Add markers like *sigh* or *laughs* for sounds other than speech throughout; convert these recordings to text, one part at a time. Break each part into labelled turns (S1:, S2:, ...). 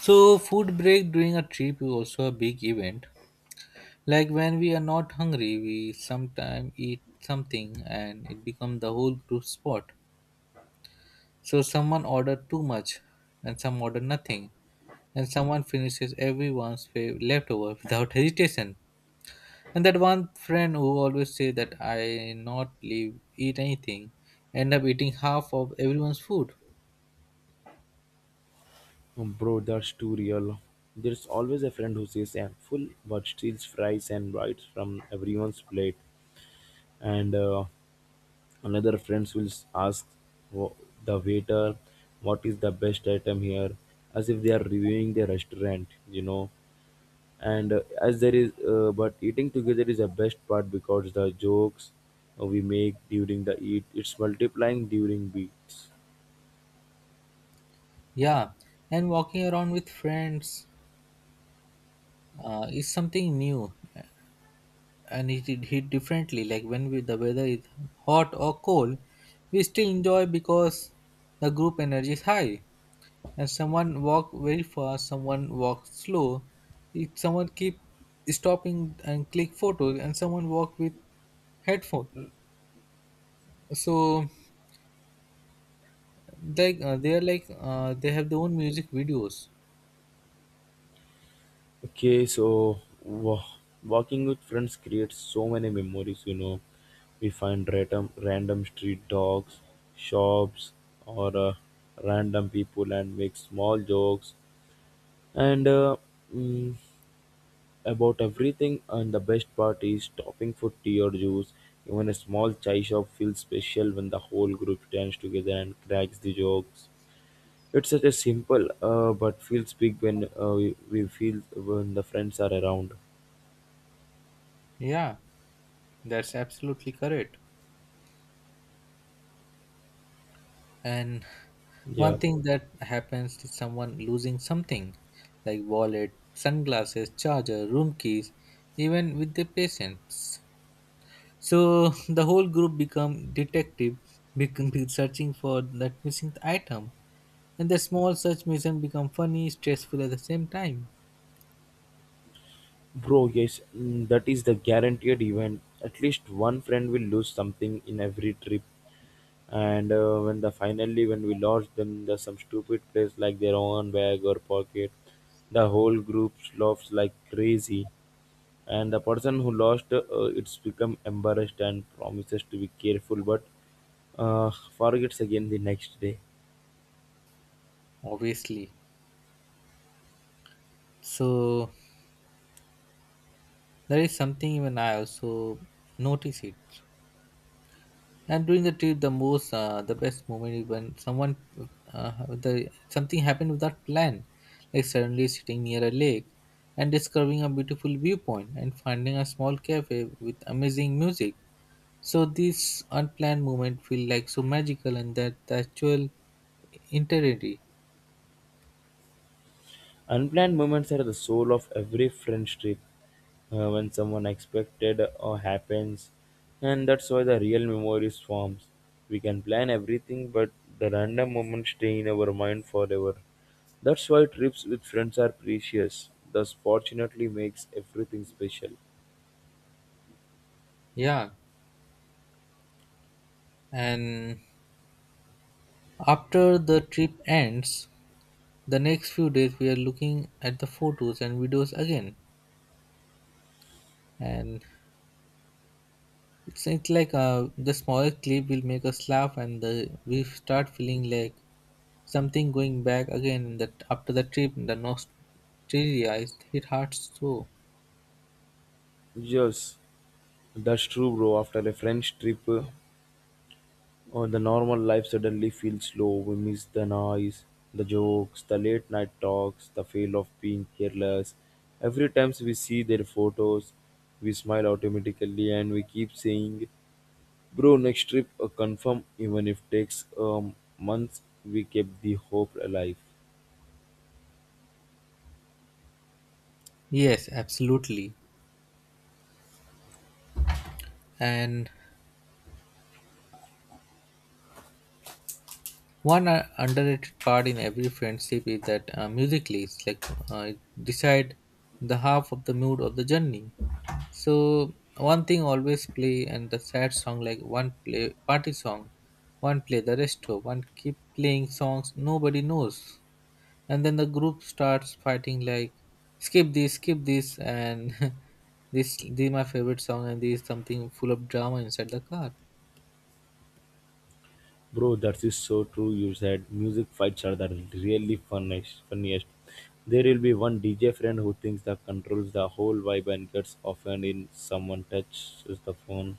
S1: So, food break during a trip is also a big event. Like when we are not hungry, we sometimes eat something and it becomes the whole group spot. So, someone ordered too much and some order nothing, and someone finishes everyone's leftover without hesitation. And that one friend who always say that I not leave eat anything, end up eating half of everyone's food.
S2: Bro, that's too real. There's always a friend who says I'm full but steals fries and bites from everyone's plate. And another friend will ask wha- the waiter what is the best item here as if they are reviewing the restaurant. And As there is, but eating together is the best part because the jokes we make during the eat, it's multiplying during beats.
S1: Yeah, and walking around with friends is something new and it hit differently. Like when we, the weather is hot or cold, we still enjoy because the group energy is high. And someone walk very fast, someone walk slow. If someone keep stopping and click photos, and someone walk with headphone. So they are they have their own music videos.
S2: Okay, so walking with friends creates so many memories. We find random street dogs, shops, or random people and make small jokes and mm, about everything. And the best part is stopping for tea or juice. Even a small chai shop feels special when the whole group stands together and cracks the jokes. It's such a simple, but feels big when we feel when the friends are around.
S1: Yeah, that's absolutely correct. And one
S2: Yeah,
S1: thing that happens is someone losing something like wallet, sunglasses, charger, room keys, even with the patients, so the whole group become detective *laughs* become be searching for that missing item, and the small search mission become funny stressful at the same time.
S2: bro, yes, that is the guaranteed event. At least one friend will lose something in every trip. And When the finally when we lost them, there's some stupid place like their own bag or pocket. The whole group laughs like crazy, and the person who lost it's become embarrassed and promises to be careful, but forgets again the next day.
S1: Obviously, so there is something even I also notice it. And during the trip the most the best moment is when someone the something happened without plan, like suddenly sitting near a lake and discovering a beautiful viewpoint and finding a small cafe with amazing music. So these unplanned moments feel like so magical, and that the actual integrity.
S2: Unplanned moments are the soul of every friendship. When someone expected or happens, and that's why the real memories forms. We can plan everything, but the random moments stay in our mind forever. That's why trips with friends are precious. Thus, fortunately, makes everything special.
S1: Yeah, and after the trip ends the next few days we are looking at the photos and videos again, and it's the smaller clip will make us laugh, and the, we start feeling like something going back again. In the, after the trip, the nostalgia is hit hard so.
S2: Yes, that's true, bro. After a French trip, oh, the normal life suddenly feels slow. We miss the noise, the jokes, the late night talks, the feel of being careless. Every time we see their photos, we smile automatically and we keep saying, "Bro, next trip, confirm, even if takes months, we kept the hope alive."
S1: Yes, absolutely. And one underrated part in every friendship is that music leads, like it decide the half of the mood of the journey. So one thing always play, and the sad song like one play party song, one play the resto, one keep playing songs nobody knows, and then the group starts fighting like skip this, and *laughs* this is my favorite song, and this is something full of drama inside the car.
S2: Bro, that is so true. You said music fights are the really funniest. There will be one DJ friend who thinks that controls the whole vibe and gets offended in someone touches the phone,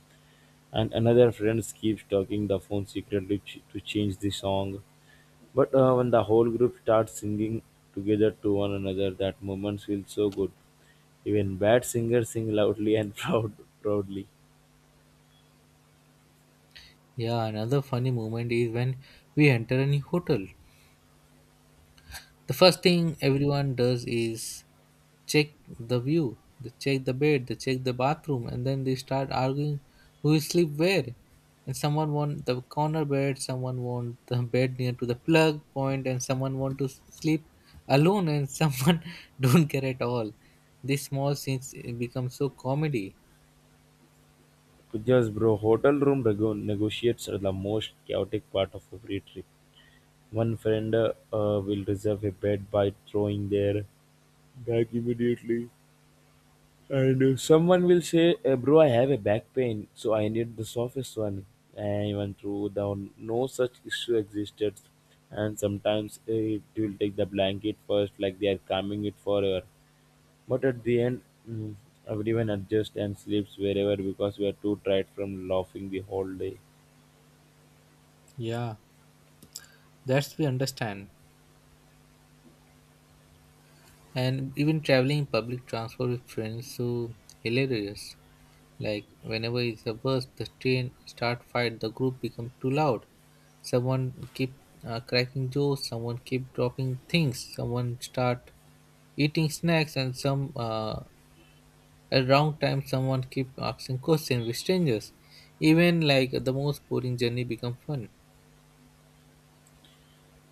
S2: and another friend keeps talking the phone secretly to change the song. But When the whole group starts singing together to one another, that moment feels so good. Even bad singers sing loudly and *laughs* proudly.
S1: Yeah, another funny moment is when we enter a new hotel, the first thing everyone does is check the view, they check the bed, they check the bathroom, and then they start arguing who will sleep where, and someone want the corner bed, someone want the bed near to the plug point, and someone want to sleep alone, and someone *laughs* don't care at all. These small scenes become so comedy.
S2: Yes, bro. Hotel room negotiates are the most chaotic part of every trip. One friend will reserve a bed by throwing their bag immediately, and someone will say, "Bro, I have a back pain, so I need the softest one." And even through down, no such issue existed, and sometimes it will take the blanket first, like they are calming it forever. But at the end, mm, everyone adjusts and sleeps wherever because we are too tired from laughing the whole day.
S1: Yeah, that's we understand. And even traveling in public transport with friends so hilarious, like whenever it's a bus the train start fight, the group become too loud, someone keep cracking jokes, someone keep dropping things, someone start eating snacks, and some at wrong time someone keep asking questions with strangers. Even like the most boring journey become fun.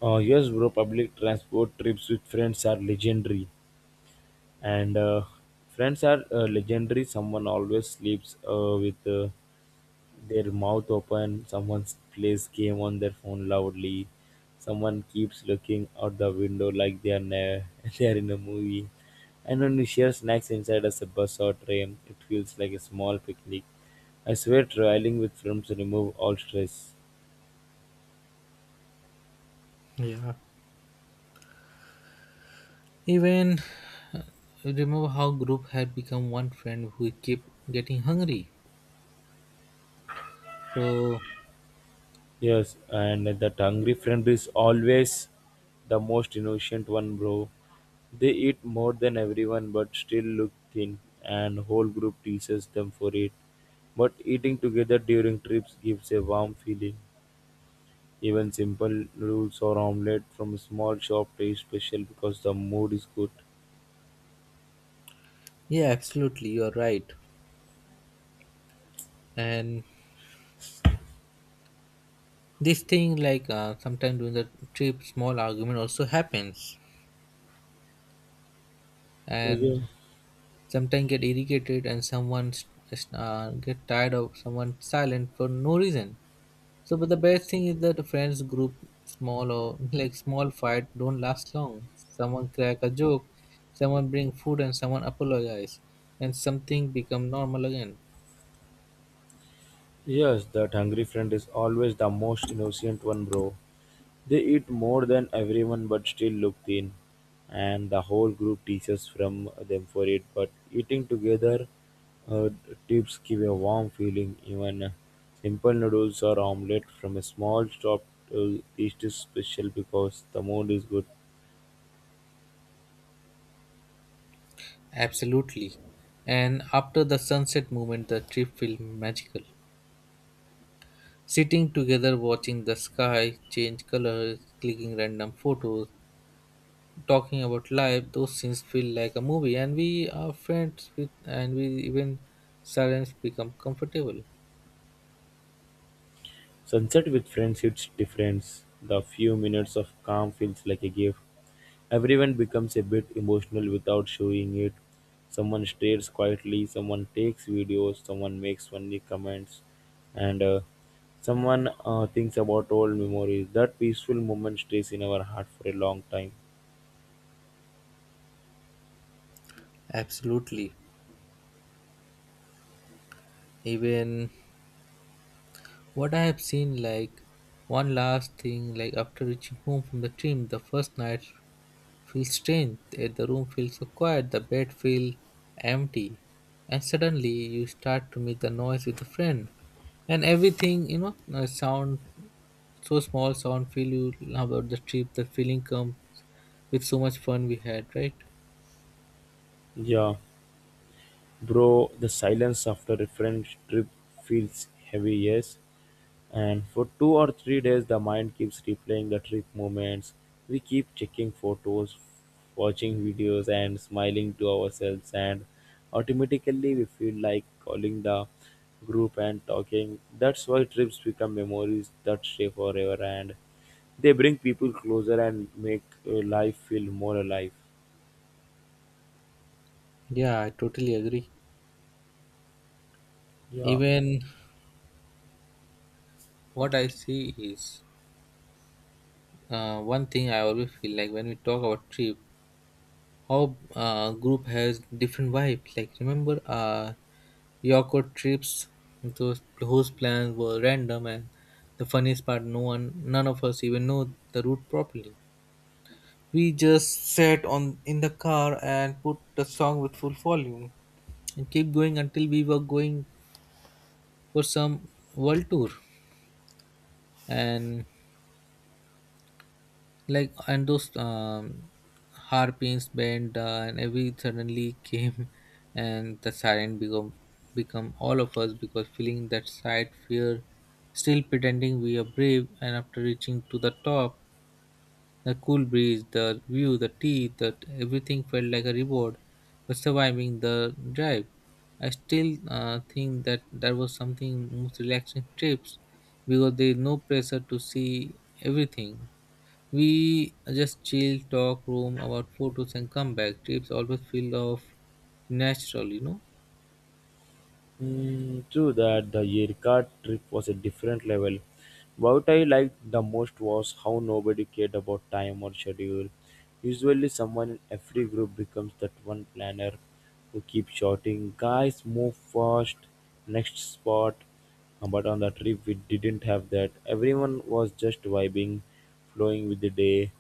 S2: Yes, bro, public transport trips with friends are legendary. And Friends are legendary. Someone always sleeps with their mouth open. Someone plays game on their phone loudly. Someone keeps looking out the window like they are *laughs* they are in a movie. And when we share snacks inside as a bus or train, it feels like a small picnic. I swear traveling with friends remove all stress.
S1: Even uh, remember how group had become one friend who keep getting hungry so.
S2: Yes, and that hungry friend is always the most innocent one, bro. They eat more than everyone but still look thin, and whole group teases them for it. But eating together during trips gives a warm feeling. Even simple noodles or omelette from a small shop taste special because the mood is good.
S1: Yeah, absolutely. You're right. And this thing, sometimes during the trip, small argument also happens, and sometimes get irritated, and someone get tired of someone silent for no reason. So, but the best thing is that the friends group, small or *laughs* like small fight, don't last long. Someone crack a joke, someone bring food, and someone apologize, and something become normal again.
S2: Yes, that hungry friend is always the most innocent one, bro. They eat more than everyone but still look thin, and the whole group teaches from them for it. But eating together uh, tips give a warm feeling. Even simple noodles or omelette from a small shop taste is special because the mood is good.
S1: Absolutely. And after the sunset moment, the trip feel magical. Sitting together, watching the sky change colors, clicking random photos, talking about life, those scenes feel like a movie, and we are friends with, and we even silence become comfortable.
S2: Sunset with friends hits different. The few minutes of calm feels like a gift. Everyone becomes a bit emotional without showing it. Someone stares quietly, someone takes videos, someone makes funny comments, and someone thinks about old memories. That peaceful moment stays in our heart for a long time.
S1: Absolutely. Even what I have seen, like one last thing, like after reaching home from the team, the first night feel strange that the room feels so quiet, the bed feels empty, and suddenly you start to make the noise with a friend, and everything sound so small sound feel you about the trip. The feeling comes with so much fun we had, right?
S2: Yeah, bro, the silence after a friend trip feels heavy, yes. And for 2 or 3 days, the mind keeps replaying the trip moments. We keep checking photos, watching videos, and smiling to ourselves. And automatically, we feel like calling the group and talking. That's why trips become memories that stay forever and they bring people closer and make life feel more alive.
S1: Yeah, I totally agree.
S2: Yeah.
S1: Even what I see is one thing I always feel like when we talk about trip, how group has different vibes. Like remember Yoko trips, those whose plans were random, and the funniest part no one, none of us even know the route properly. We just sat on in the car and put the song with full volume and keep going until we were going for some world tour. And like and those harpins bent and every suddenly came *laughs* and the siren become become all of us because feeling that side fear, still pretending we are brave, and after reaching to the top the cool breeze, the view, the tea, that everything felt like a reward for surviving the drive. I still think that that was something most relaxing trips because there is no pressure to see everything. We just chill, talk, roam about photos, and come back. Trips always feel of natural, you know.
S2: Mm, true that the Yerka trip was a different level. What I liked the most was how nobody cared about time or schedule. Usually, someone in every group becomes that one planner who keeps shouting, "Guys, move fast, next spot." But on the trip, we didn't have that. Everyone was just vibing, flowing with the day.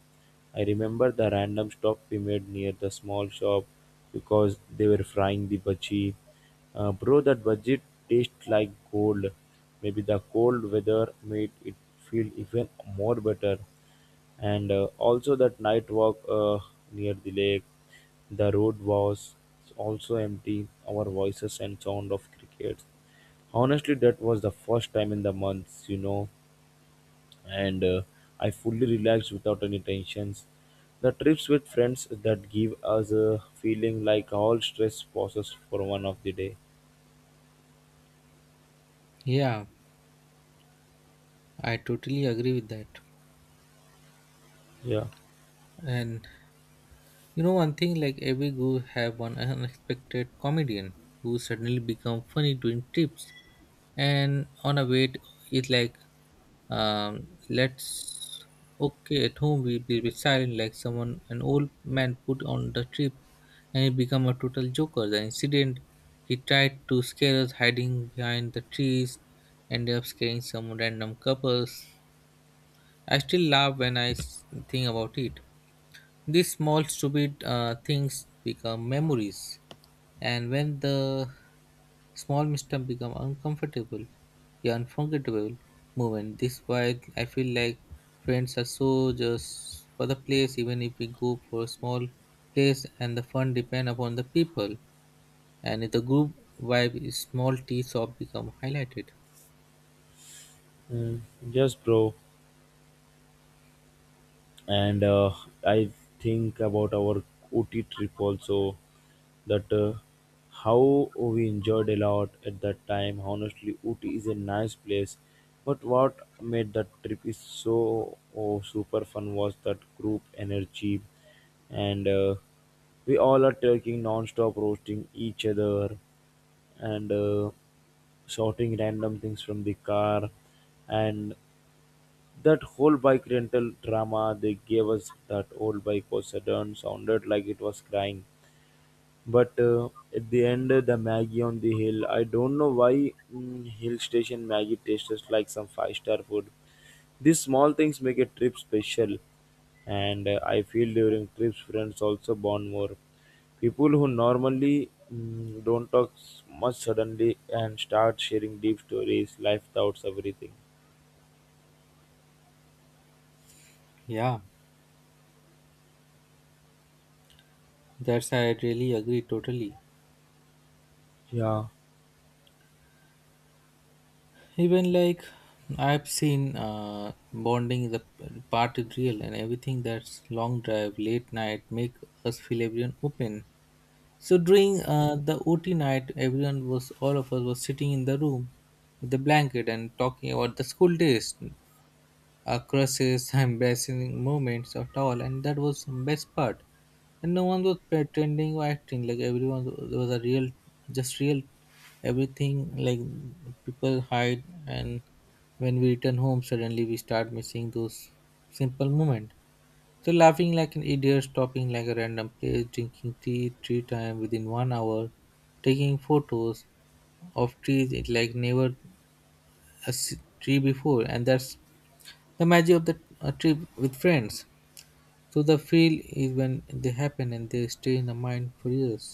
S2: I remember the random stop we made near the small shop because they were frying the bhaji. Bro, that budget tastes like gold. Maybe the cold weather made it feel even more better. And Also that night walk near the lake, the road was also empty. Our voices and sound of crickets. Honestly, that was the first time in the months, and I fully relaxed without any tensions. The trips with friends that give us a feeling like all stress passes for one of the day.
S1: Yeah, I totally agree with that.
S2: Yeah.
S1: And you know one thing, like every guru have one unexpected comedian who suddenly become funny during trips, and on a wait it's like let's okay at home we will be silent, like someone an old man put on the trip and he become a total joker. The incident he tried to scare us hiding behind the trees ended up scaring some random couples. I still laugh when think about it. These small, stupid things become memories, and when the small mistake become uncomfortable, yeah, unforgettable moment. This why I feel like friends are so just for the place, even if we go for a small place, and the fun depend upon the people. And if the group vibe is small, tea shop become highlighted.
S2: Mm, yes, bro. And I think about our OT trip also that how we enjoyed a lot at that time. Honestly, OT is a nice place. But what made that trip is so oh, super fun was that group energy and we all are talking non-stop roasting each other and shouting random things from the car. And that whole bike rental drama they gave us, that old bike was sounded like it was crying. But At the end, the Maggie on the hill, I don't know why hill station Maggie tastes like some five-star food. These small things make a trip special, and I feel during trips, friends also bond more. People who normally don't talk much suddenly and start sharing deep stories, life thoughts, everything.
S1: Yeah, that's I really agree totally.
S2: Yeah.
S1: Even like I've seen bonding is a part is real, and everything that's long drive late night make us feel everyone open. So during the OT night everyone was all of us was sitting in the room with the blanket and talking about the school days, crushes, embarrassing *laughs* moments at all, and that was the best part. And no one was pretending or acting like everyone there was a real, just real everything. Like people hide, and when we return home, suddenly we start missing those simple moments. So laughing like an idiot, stopping like a random place, drinking tea three times within 1 hour, taking photos of trees it like never a s- tree before, and that's the magic of the a trip with friends to the feel is when they happen, and they stay in the mind for years.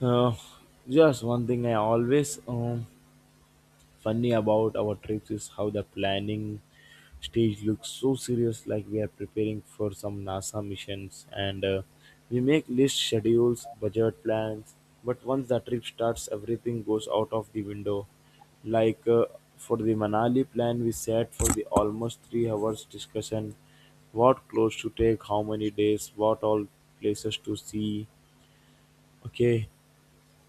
S2: Uh, just one thing I always funny about our trips is how the planning stage looks so serious, like we are preparing for some NASA missions, and we make list schedules, budget plans. But once the trip starts, everything goes out of the window. Like uh, for the Manali plan, we sat for the almost 3 hours discussion what clothes to take, how many days, what all places to see. Okay,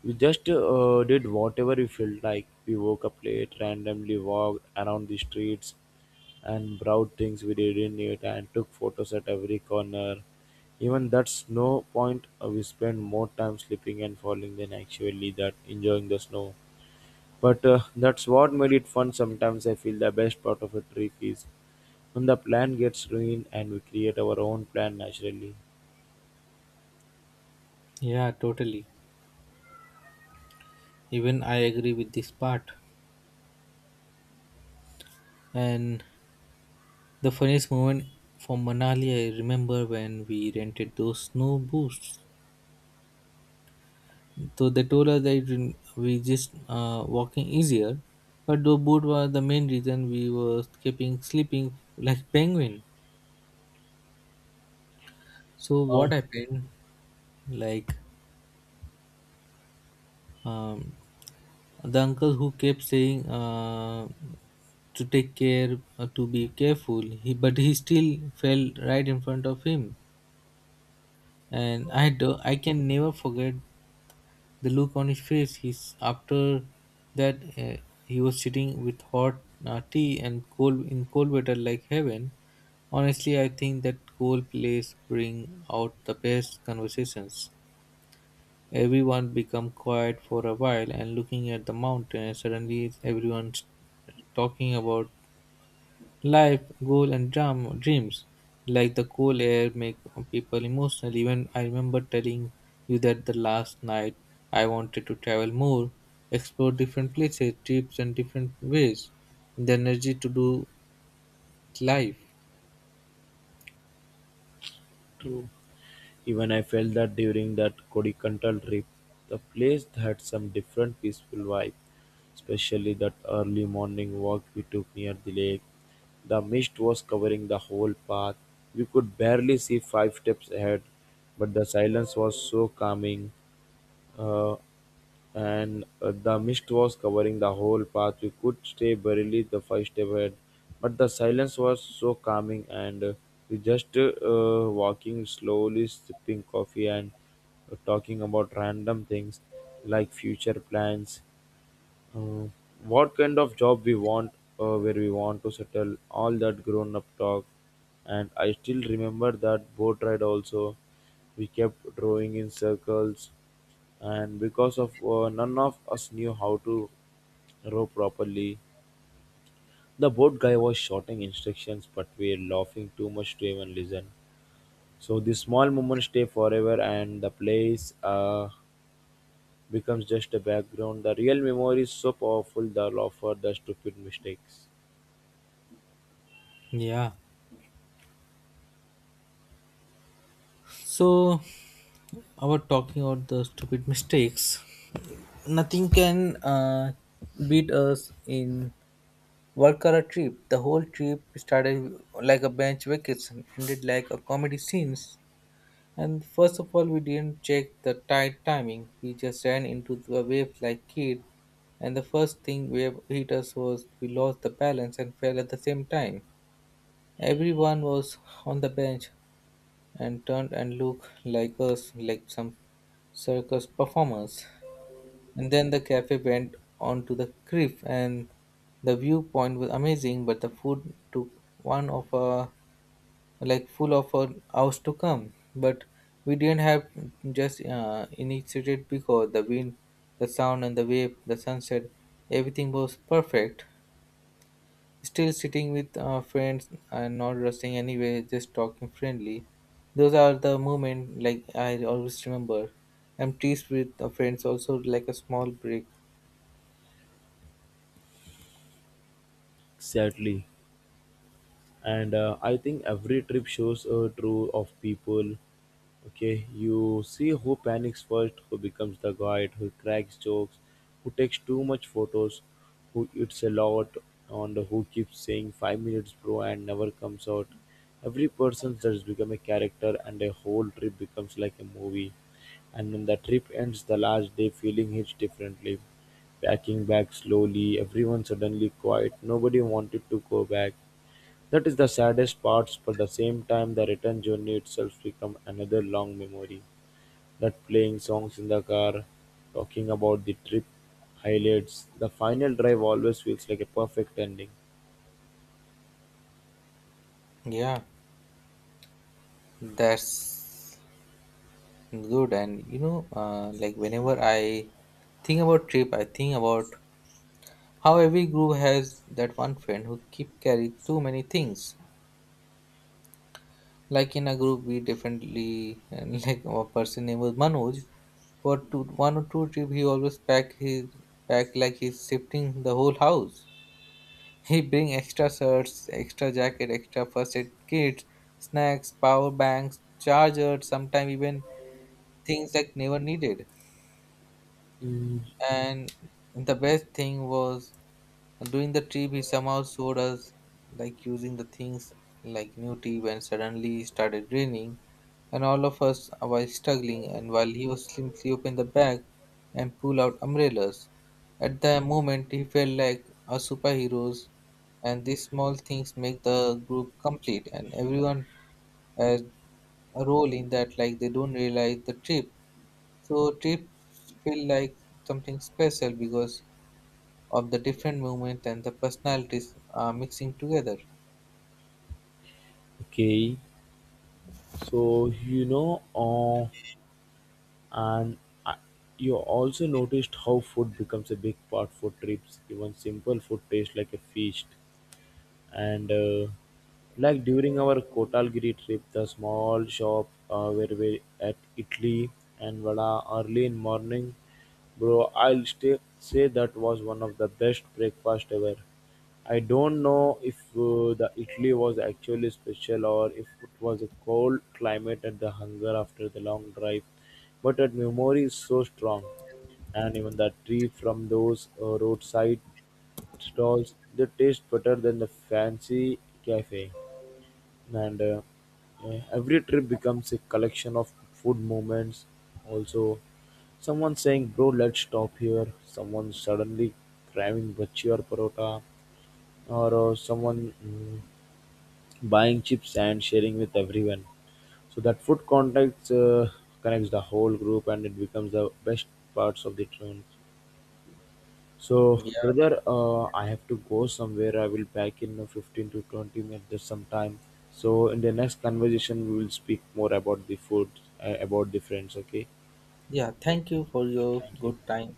S2: we just did whatever we felt like. We woke up late, randomly walked around the streets and brought things we didn't need and took photos at every corner. Even that snow point, we spent more time sleeping and falling than actually that enjoying the snow. But That's what made it fun. Sometimes I feel the best part of a trip is when the plan gets ruined and we create our own plan naturally.
S1: Yeah, totally. Even I agree with this part. And the funniest moment from Manali, I remember when we rented those snow boots. So they told us that we just walking easier, but the boot was the main reason we were keeping sleeping like penguin. So
S2: Uh,
S1: what happened? Like um, the uncle who kept saying to take care, to be careful, he, but he still fell right in front of him. And I can never forget the look on his face. He's, after that, he was sitting with hot tea and cold in cold weather like heaven. Honestly, I think that cold place bring out the best conversations. Everyone becomes quiet for a while and looking at the mountain. Suddenly, everyone's talking about life, goal, and dreams. Like the cool air make people emotional. Even I remember telling you that the last night I wanted to travel more, explore different places, trips, and different ways. And the energy to do life.
S2: True. Even I felt that during that Kodikantal trip, the place had some different peaceful vibe, especially that early morning walk we took near the lake. The mist was covering the whole path. We could barely see 5 steps ahead, but the silence was so calming. Uh, and The mist was covering the whole path. We could stay barely the 5 step ahead, but the silence was so calming, and we just walking slowly, sipping coffee, and talking about random things like future plans. Uh, what kind of job we want, where we want to settle, all that grown up talk. And I still remember that boat ride also. We kept drawing in circles, and because of none of us knew how to row properly, the boat guy was shouting instructions, but we were laughing too much to even listen. So this small moments stay forever, and the place. Becomes just a background. The real memory is so powerful, the laugher, the stupid mistakes.
S1: Yeah. So, I was talking about the stupid mistakes. Nothing can beat us in work or a trip. The whole trip started like a bench vacation, ended like a comedy scenes. And first of all, we didn't check the tight timing. We just ran into the waves like kid. And the first thing wave hit us was we lost the balance and fell at the same time. Everyone was on the bench and turned and looked like us, like some circus performers. And then the cafe went on to the cliff, and the viewpoint was amazing. But the food took one of a like full of a hours to come. But we didn't have just initiated because the wind, the sound, and the wave, the sunset, everything was perfect. Still sitting with friends and not rushing anyway, just talking friendly. Those are the moments like I always remember. I'm teased with the friends also like a small break.
S2: Exactly. and I think every trip shows a true of people. Okay, you see who panics first, who becomes the guide, who cracks jokes, who takes too much photos, who eats a lot, and who keeps saying 5 minutes, bro, and never comes out. Every person just become a character, and a whole trip becomes like a movie. And when the trip ends, the last day feeling hits differently. Packing back slowly, everyone suddenly quiet, nobody wanted to go back. That is the saddest part, but at the same time the return journey itself becomes another long memory. That playing songs in the car, talking about the trip, highlights. The final drive always feels like a perfect ending.
S1: Yeah. That's good. And you know, like whenever I think about trip, I think about how every group has that one friend who keep carrying too many things. Like in a group, we definitely and *laughs* like a person name was Manoj. For two, 1 or 2 trip, he always pack his pack like he's shifting the whole house. He bring extra shirts, extra jacket, extra first aid kit, snacks, power banks, charger, sometimes even things like never needed.
S2: Mm,
S1: And the best thing was during the trip he somehow showed us like using the things like new tip, and suddenly it started raining and all of us were struggling, and while he was simply open the bag and pull out umbrellas at the moment he felt like a superheroes. And these small things make the group complete, and everyone has a role in that like they don't realize the trip. So trips feel like something special because of the different movements and the personalities are mixing together.
S2: okay, so you know, and I, you also noticed how food becomes a big part for trips. Even simple food tastes like a feast. And like during our Kotalgiri trip, the small shop where we at Italy and Vada early in morning, bro, say that was one of the best breakfast ever. I don't know if the Italy was actually special or if it was a cold climate and the hunger after the long drive, but that memory is so strong, and even the tree from those roadside stalls. They taste better than the fancy cafe, and every trip becomes a collection of food moments. Also, someone saying, "Bro, let's stop here." Someone suddenly craving bhaji or parota, or someone buying chips and sharing with everyone. So that food contacts connects the whole group, and it becomes the best parts of the trip. So,
S1: Yeah,
S2: brother, I have to go somewhere. I will back in 15 to 20 minutes sometime. So, in the next conversation, we will speak more about the food, about the friends. Okay.
S1: yeah. Thank you for your
S2: Thank you.
S1: good time.